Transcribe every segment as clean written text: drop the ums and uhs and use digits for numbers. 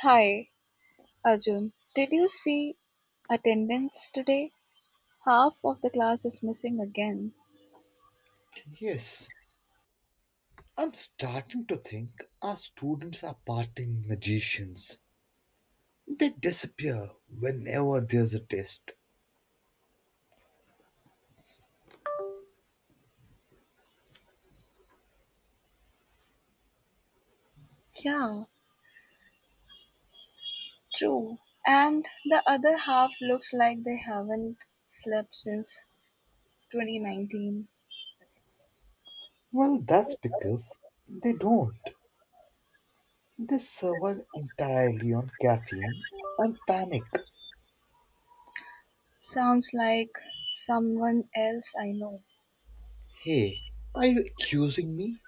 Hi, Arjun. Did you see attendance today? Half of the class is missing again. Yes, I'm starting to think our students are part-time magicians. They disappear whenever there's a test. Yeah, true. And the other half looks like they haven't slept since 2019. Well, that's because they don't. They survive entirely on caffeine and panic. Sounds like someone else I know. Hey, are you accusing me?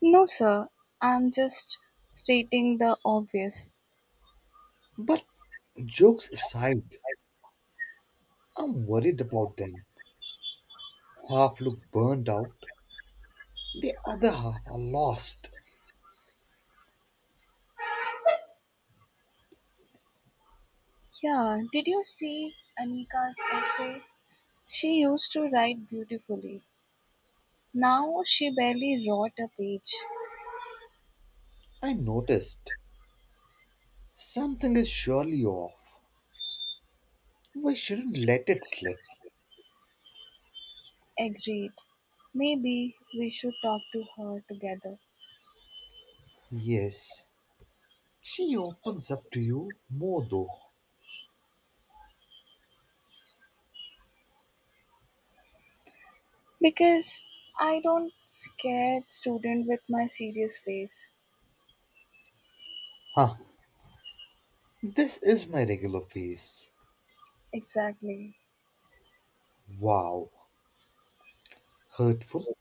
No, sir. I'm just stating the obvious. But jokes aside, I'm worried about them. Half look burned out, the other half are lost. Yeah, did you see Anika's essay? She used to write beautifully. Now she barely wrote a page. I noticed something is surely off. We shouldn't let it slip. Agreed. Maybe we should talk to her together. Yes, she opens up to you more though. Because I don't scare student with my serious face. Huh, this is my regular face. Exactly. Wow, hurtful.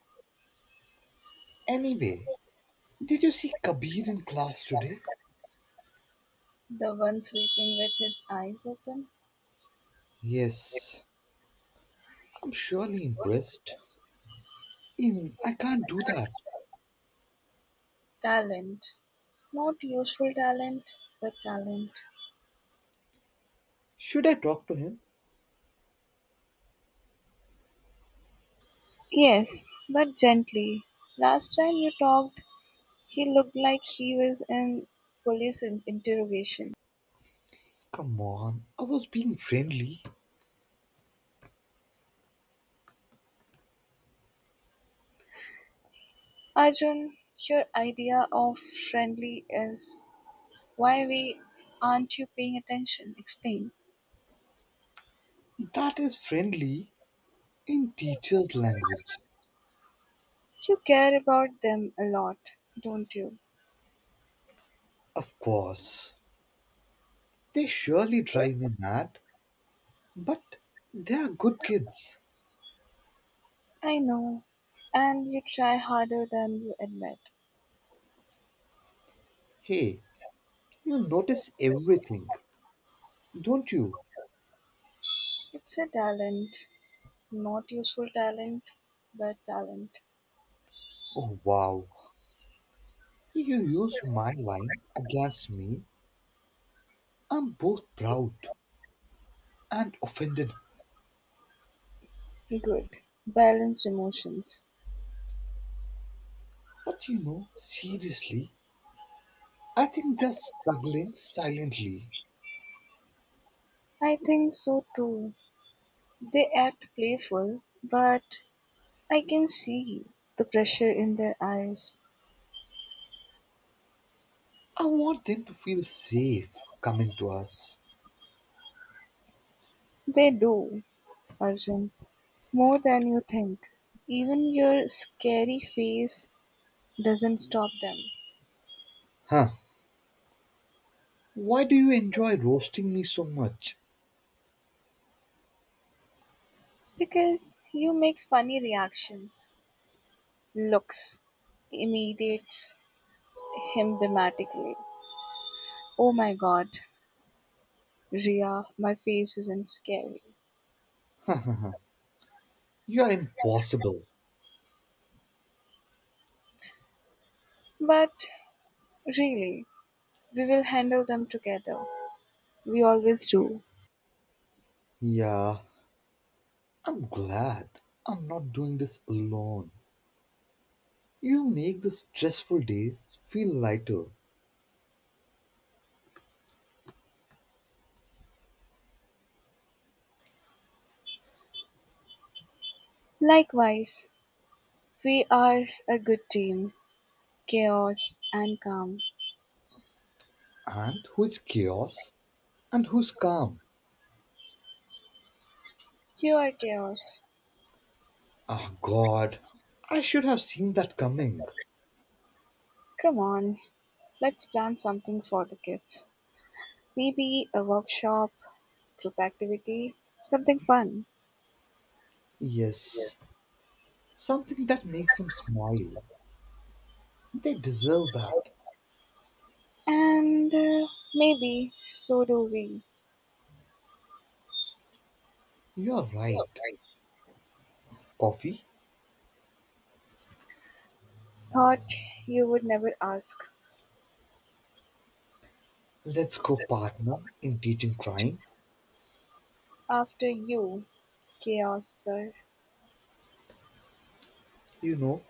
Anyway, did you see Kabir in class today? The one sleeping with his eyes open. Yes, I'm surely impressed. Even I can't do that. Talent. Not useful talent, but talent. Should I talk to him? Yes, but gently. Last time you talked, he looked like he was in interrogation. Come on, I was being friendly. Arjun, your idea of friendly is, why we aren't you paying attention? Explain. That is friendly in teacher's language. You care about them a lot, don't you? Of course. They surely drive me mad. But they are good kids. I know. And you try harder than you admit. Hey, you notice everything, don't you? It's a talent. Not useful talent, but talent. Oh, wow. You used my line against me. I'm both proud and offended. Good. Balanced emotions. But seriously, I think they're struggling silently. I think so too. They act playful, but I can see the pressure in their eyes. I want them to feel safe coming to us. They do, Arjun. More than you think. Even your scary face doesn't stop them. Huh. Why do you enjoy roasting me so much? Because you make funny reactions, looks, imitates him dramatically. Oh my god, Ria, my face isn't scary. You are impossible. But really, we will handle them together. We always do. Yeah, I'm glad I'm not doing this alone. You make the stressful days feel lighter. Likewise, we are a good team. Chaos and calm. And who's chaos and who's calm? You are chaos. Ah, God, I should have seen that coming. Come on, let's plan something for the kids. Maybe a workshop, group activity, something fun. Yes, Yes, something that makes them smile. They deserve so, that. And maybe so do we. You're Yeah, right. right. Coffee, Thought you would never ask. let's go That's partner in teaching crime. right. After you, chaos, sir. You know,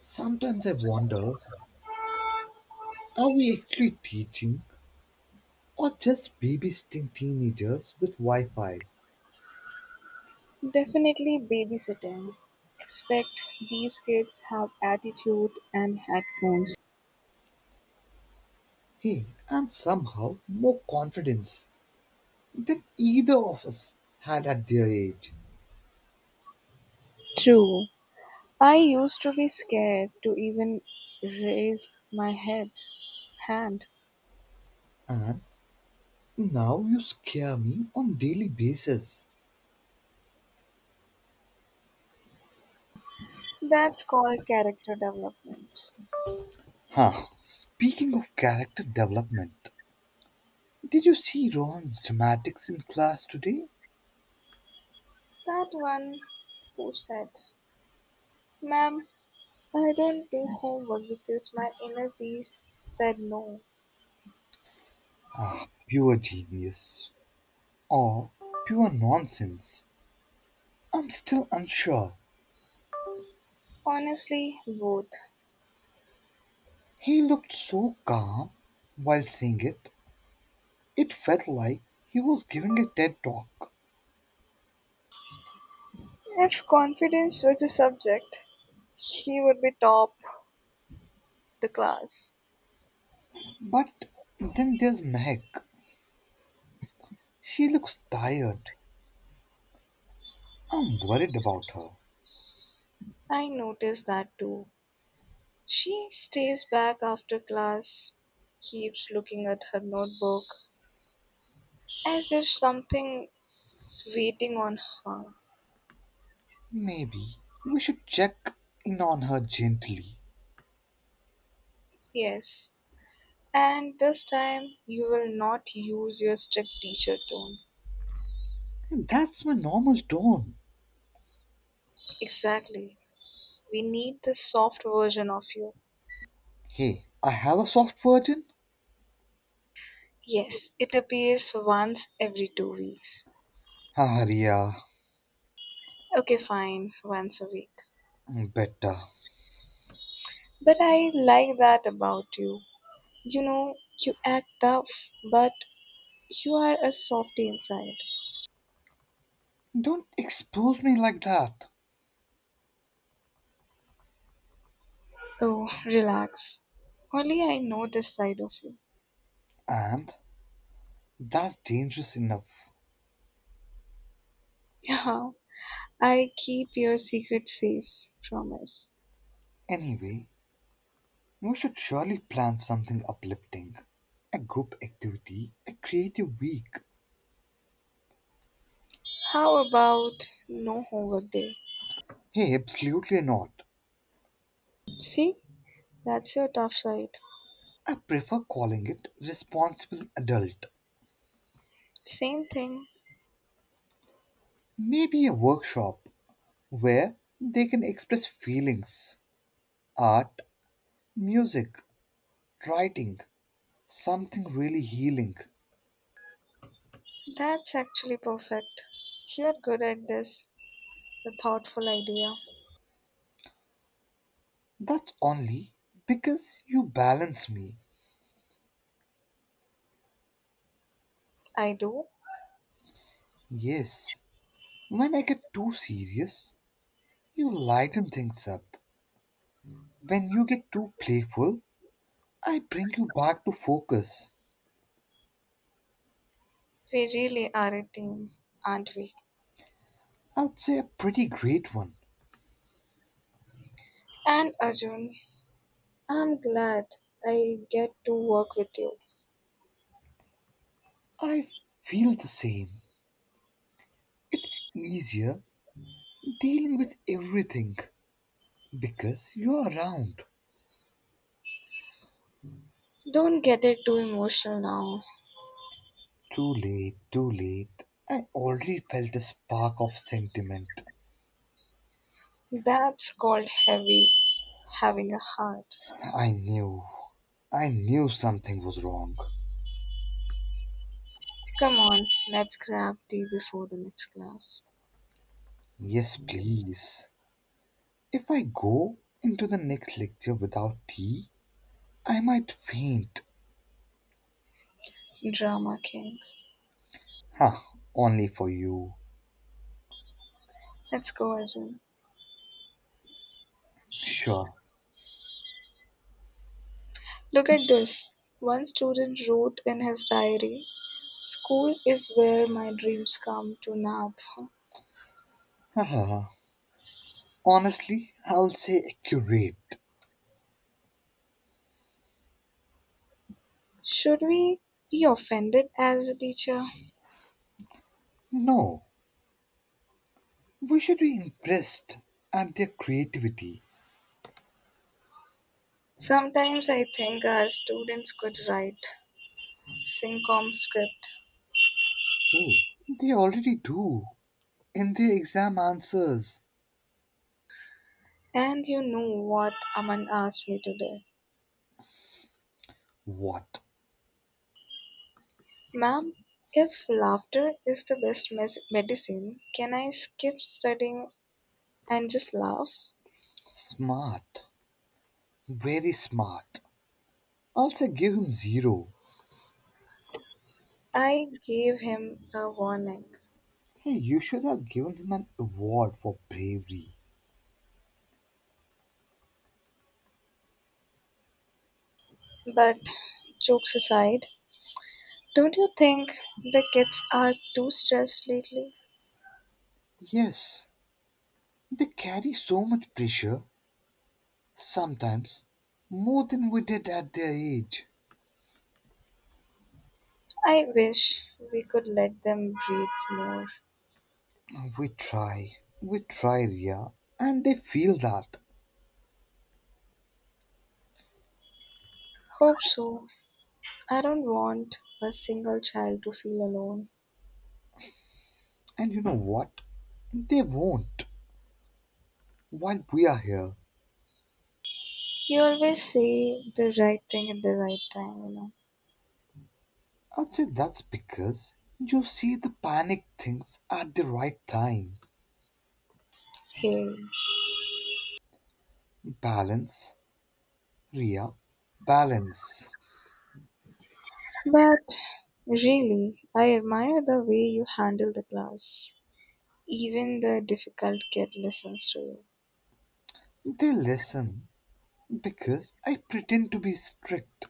sometimes I wonder, are we actually teaching or just babysitting teenagers with Wi Fi? Definitely babysitting. Expect these kids have attitude and headphones. Hey, and somehow more confidence than either of us had at their age. True. I used to be scared to even raise my head hand. And now you scare me on daily basis. That's called character development. Huh. Speaking of character development, did you see Ron's dramatics in class today? That one who said, "Ma'am, I don't do homework because my inner peace said no." Pure genius or pure nonsense? I'm still unsure. Honestly, both. He looked so calm while saying it. It felt like he was giving a TED talk. If confidence was a subject, he would be top the class. But then there's Meg. She looks tired. I'm worried about her. I noticed that too. She stays back after class, keeps looking at her notebook as if something's waiting on her. Maybe we should check in on her gently. Yes, and this time you will not use your strict teacher tone. That's my normal tone. Exactly. We need the soft version of you. Hey, I have a soft virgin. Yes, it appears once every two weeks. Arya, Okay, fine, once a week. better. But I like that about you. You know, you act tough, but you are a softy inside. Don't expose me like that. Oh, relax. Only I know this side of you. And that's dangerous enough. Yeah, I keep your secret safe, promise. Anyway, we should surely plan something uplifting. A group activity, a creative week. How about no homework day? Hey, absolutely not. See, that's your tough side. I prefer calling it responsible adult. Same thing. Maybe a workshop where they can express feelings, art, music, writing, something really healing. That's actually perfect. You're good at this. The thoughtful idea. That's only because you balance me. I do. Yes, when I get too serious, you lighten things up. When you get too playful, I bring you back to focus. We really are a team, aren't we? I would say a pretty great one. And Arjun, I'm glad I get to work with you. I feel the same. It's easier dealing with everything because you're around. Don't get it too emotional now. Too late, too late. I already felt a spark of sentiment. That's called heavy, having a heart. I knew. I knew something was wrong. Come on, let's grab tea before the next class. Yes, please. If I go into the next lecture without tea, I might faint. Drama King. Huh, only for you. Let's go, Arjun. Sure. Look at this, one student wrote in his diary, "School is where my dreams come to nap." Ah, honestly, I'll say accurate. Should we be offended as a teacher? No, we should be impressed at their creativity. Sometimes I think our students could write syncom script. Oh, they already do in their exam answers. And you know what Aman asked me today? What? "Ma'am, if laughter is the best medicine, can I skip studying and just laugh?" Smart. Very smart. Also give him zero. I gave him a warning. Hey, you should have given him an award for bravery. But jokes aside, don't you think the kids are too stressed lately? Yes, they carry so much pressure, sometimes, more than we did at their age. I wish we could let them breathe more. We try. We try, Ria. And they feel that. Hope so. I don't want a single child to feel alone. And you know what? They won't. While we are here, You always say the right thing at the right time, you know. I'd say that's because you see the panic things at the right time. Hey. Balance. Yeah, balance. But really, I admire the way you handle the class. Even the difficult kid listens to you. They listen because I pretend to be strict.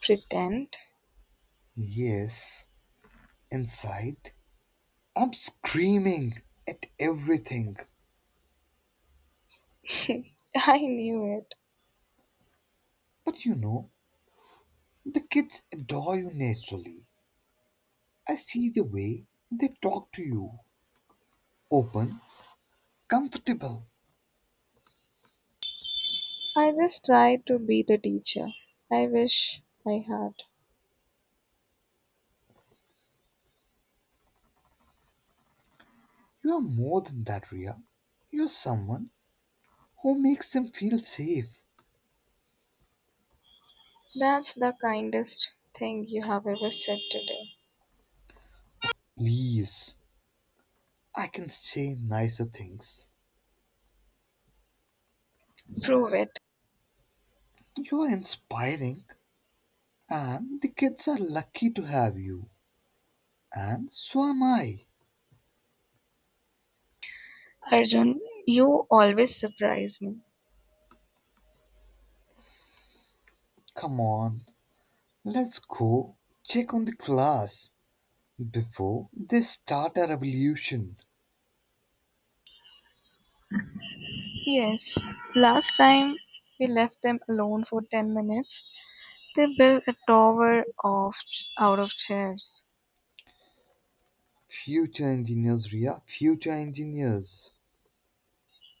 Pretend? Yes, inside I'm screaming at everything. I knew it. But the kids adore you naturally. I see the way they talk to you. Open, comfortable. I just try to be the teacher. I wish I had. You are more than that, Ria. You're someone who makes them feel safe. That's the kindest thing you have ever said today. Please, I can say nicer things. Prove it. You are inspiring, and the kids are lucky to have you. And so am I. Arjun, you always surprise me. Come on, let's go check on the class before they start a revolution. Yes, last time we left them alone for 10 minutes, they built a tower of out of chairs. Future engineers, Ria. Future engineers.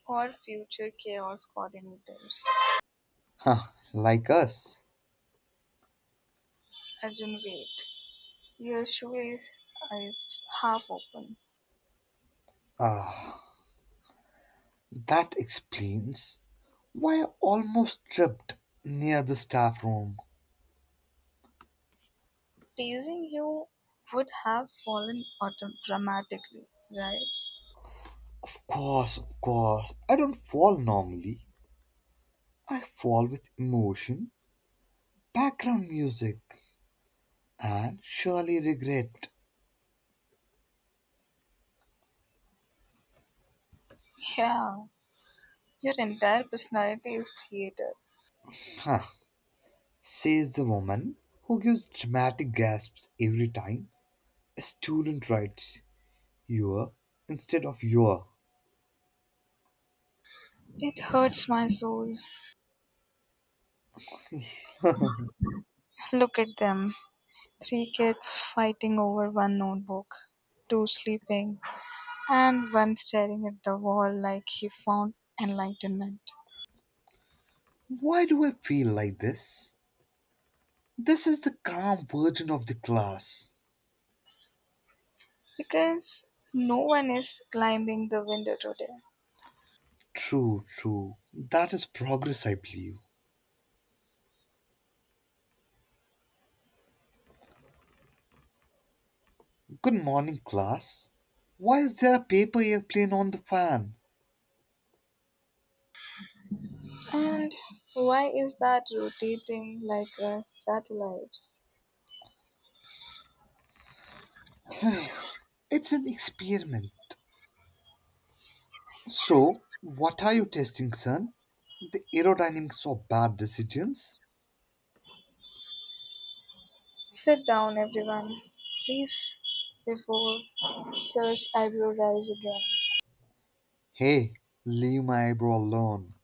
Or future chaos coordinators. Huh, like us. Arjun, wait. Your shoelace is half open. Ah, that explains why I almost tripped near the staff room. Teasing you would have fallen dramatically, right? Of course, of course. I don't fall normally. I fall with emotion, background music, and surely regret. Yeah, your entire personality is theater. Huh, says the woman who gives dramatic gasps every time a student writes your instead of your. It hurts my soul. Look at them, three kids fighting over one notebook, two sleeping, and one staring at the wall like he found enlightenment. Why do I feel like this? This is the calm version of the class. Because no one is climbing the window today. True, true. That is progress, I believe. Good morning, class. Why is there a paper airplane on the fan? And why is that rotating like a satellite? It's an experiment. So, what are you testing, son? The aerodynamics of bad decisions? Sit down, everyone, please, before Sir's eyebrow rise again. Hey, leave my eyebrow alone.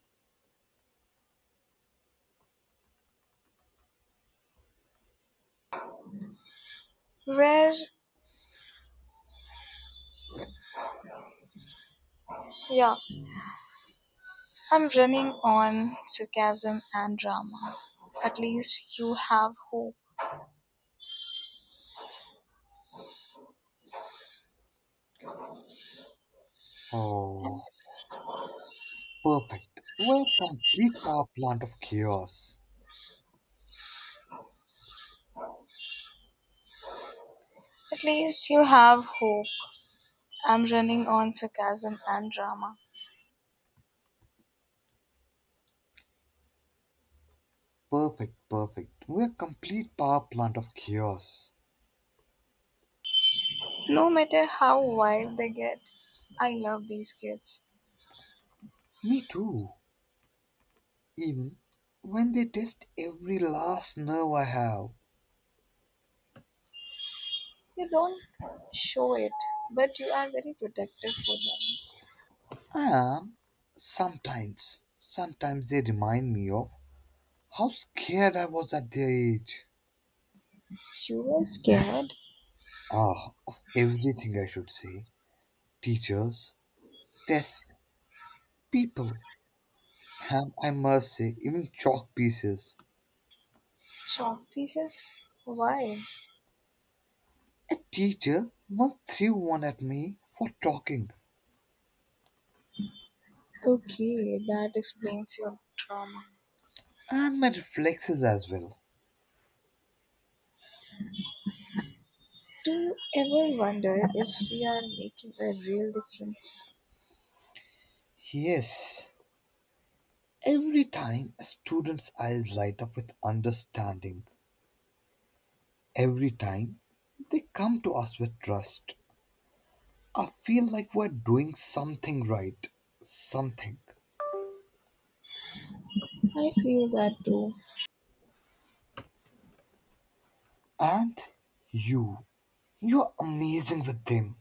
Where, yeah, I'm running on sarcasm and drama. At least you have hope. Oh, perfect. We're complete power plant of chaos. At least you have hope. I'm running on sarcasm and drama. Perfect, perfect. We're complete power plant of chaos. No matter how wild they get, I love these kids. Me too. Even when they test every last nerve I have, You don't show it, but you are very protective for them. I am sometimes, sometimes they remind me of how scared I was at their age. You were scared? Ah, of everything I should say. Teachers, tests, people, and I must say, even chalk pieces. Chalk pieces? Why? A teacher once threw one at me for talking Okay, that explains your trauma. and my reflexes as well. Do you ever wonder if we are making a real difference? Yes, every time a student's eyes light up with understanding, every time they come to us with trust, I feel like we're doing something right. Something. I feel that too. And you, you're amazing with them.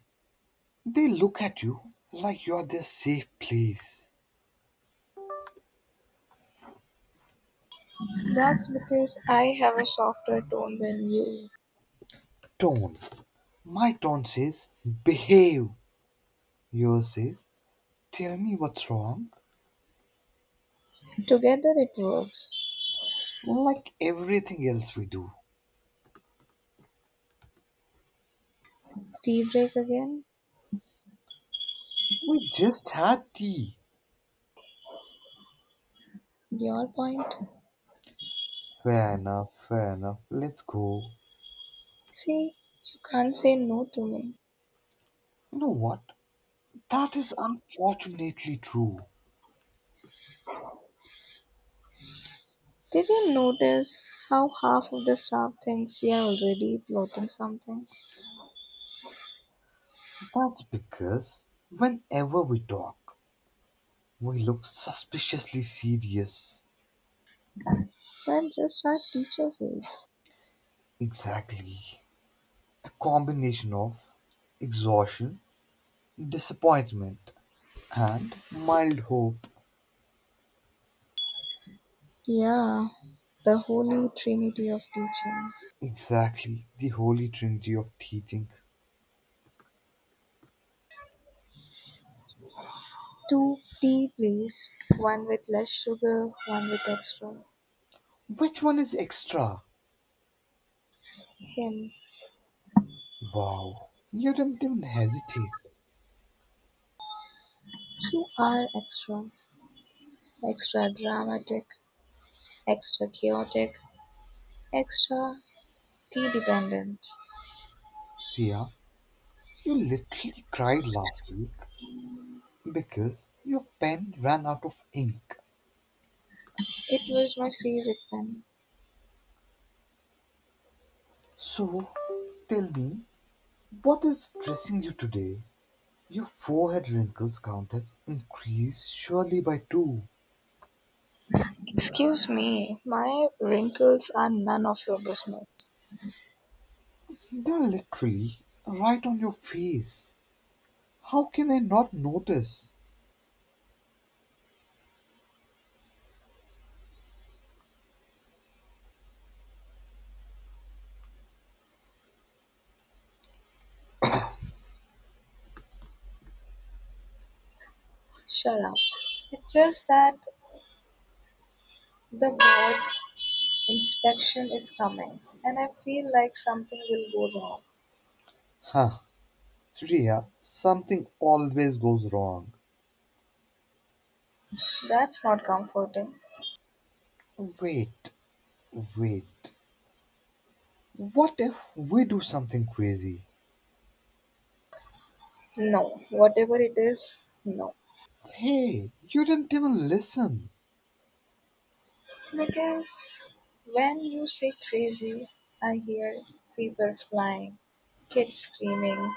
They look at you like you're their safe place. That's because I have a softer tone than you. Tone. My tone says, behave. Yours says, tell me what's wrong. Together it works. Well, like everything else we do. Tea break again? We just had tea. Your point? Fair enough, fair enough. Let's go. See, you can't say no to me. You know what? That is unfortunately true. Did you notice how half of the staff thinks we are already plotting something? That's because whenever we talk, we look suspiciously serious. That's just our teacher face. Exactly. A combination of exhaustion, disappointment, and mild hope. Yeah, the holy trinity of teaching. Exactly, the holy trinity of teaching. Two tea, please. One with less sugar, one with extra. Which one is extra? Him. Wow, you didn't even hesitate. You are extra. Extra dramatic, extra chaotic, extra tea dependent. Ria, you literally cried last week because your pen ran out of ink. It was my favorite pen. So, tell me, what is stressing you today? Your forehead wrinkles count has increased surely by two. Excuse me, my wrinkles are none of your business. They're literally right on your face. How can I not notice? Shut up. It's just that the board inspection is coming and I feel like something will go wrong. Huh, Shreya, something always goes wrong. That's not comforting. Wait, wait. What if we do something crazy? No, whatever it is, no. Hey, you didn't even listen. Because when you say crazy, I hear paper flying, kids screaming,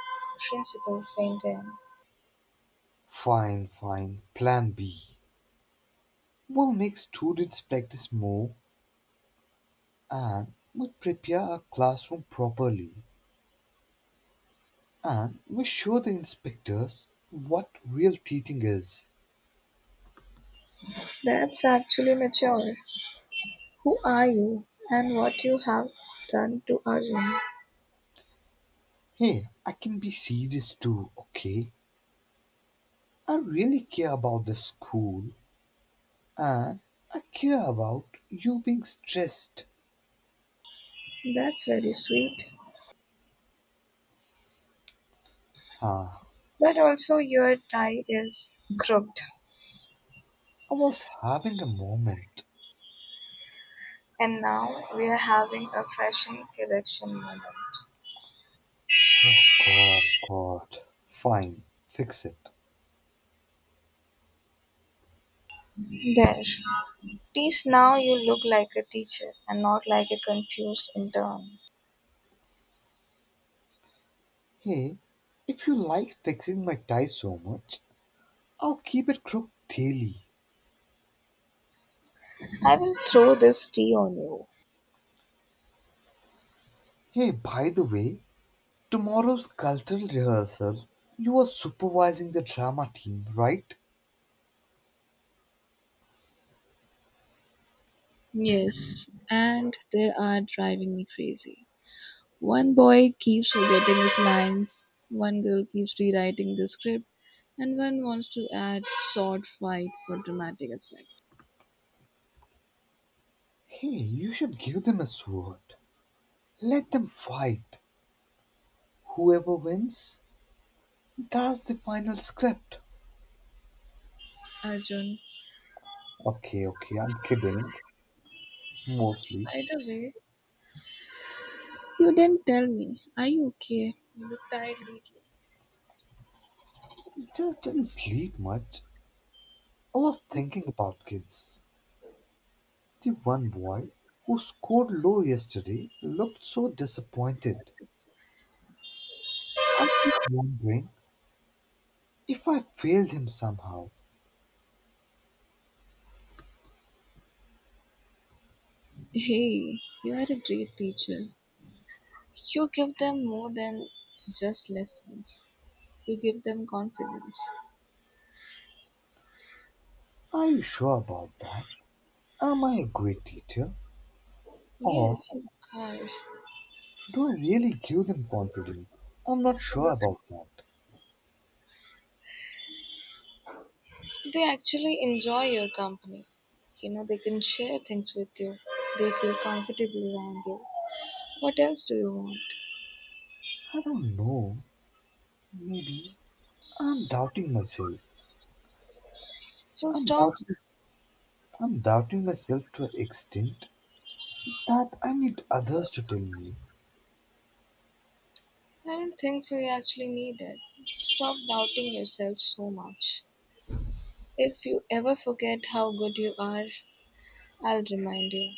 principal fainting. Fine, fine. Plan B. We'll make students practice more and we'll prepare our classroom properly. And we show the inspectors what real teaching is. That's actually mature. Who are you and what you have done to Arjun? Hey, I can be serious too, okay? I really care about the school and I care about you being stressed. That's very sweet. Ah, But also your tie is crooked. I was having a moment. And now we are having a fashion correction moment. Oh God, God. Fine, fix it. There. Please now you look like a teacher and not like a confused intern. Hey, if you like fixing my tie so much, I'll keep it crooked daily. I will throw this tea on you. Hey, by the way, tomorrow's cultural rehearsal, you are supervising the drama team, right? Yes, and they are driving me crazy. One boy keeps forgetting his lines, one girl keeps rewriting the script, and one wants to add sword fight for dramatic effect. Hey, you should give them a sword. Let them fight. Whoever wins, that's the final script. Arjun, Okay, okay, I'm kidding. Mostly. by the way, you didn't tell me. Are you okay? You look tired lately. Just didn't sleep much. I was thinking about kids. The one boy who scored low yesterday looked so disappointed. I keep wondering if I failed him somehow. Hey, you are a great teacher. You give them more than just lessons. You give them confidence. Are you sure about that? Am I a great teacher? Or Yes, you do I really give them confidence? I'm not sure are. about that. They actually enjoy your company. You know, they can share things with you. They feel comfortable around you. What else do you want? I don't know. Maybe I'm doubting myself. So I'm stop. doubting I'm doubting myself to an extent that I need others to tell me. I don't think so. You actually need it. Stop doubting yourself so much. If you ever forget how good you are, I'll remind you.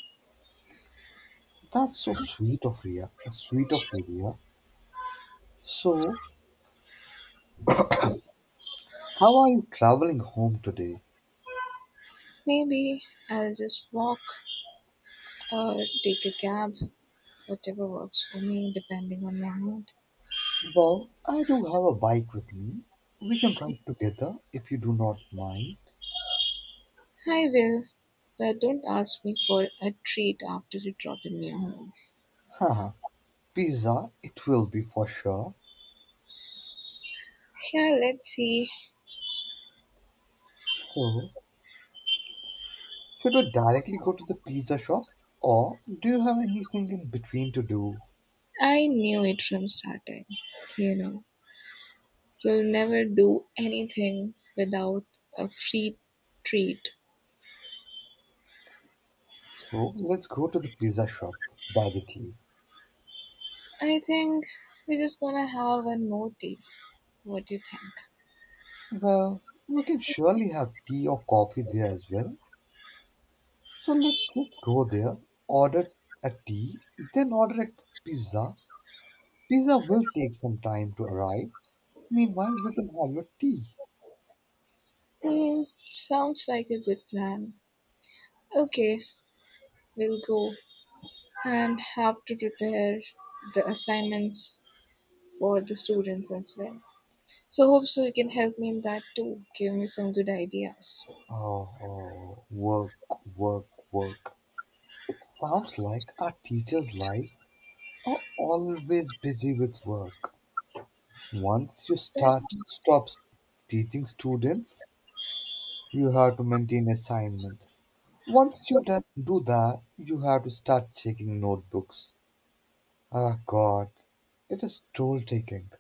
That's so sweet of Ria. Sweet of you, Ria. So, how are you traveling home today? Maybe I'll just walk or take a cab, whatever works for me, depending on my mood. Well, I do have a bike with me. We can ride together if you do not mind. I will, but don't ask me for a treat after you drop in your home. Haha, pizza, it will be for sure. Yeah, let's see. So, should we directly go to the pizza shop or do you have anything in between to do? I knew it from starting. You know, you'll never do anything without a free treat. So, let's go to the pizza shop directly. I think we're just gonna have one more day. What do you think? Well, we can surely have tea or coffee there as well. So let's just go there, order a tea, then order a pizza. Pizza will take some time to arrive. Meanwhile, we can have your tea. Mm, sounds like a good plan. Okay, we'll go and have to prepare the assignments for the students as well. So hope so you can help me in that too. Give me some good ideas. Oh, oh, work, work, work. It sounds like our teachers' lives are always busy with work. Once you start, stop teaching students, you have to maintain assignments. Once you do that, you have to start checking notebooks. Ah, God, it is toll taking.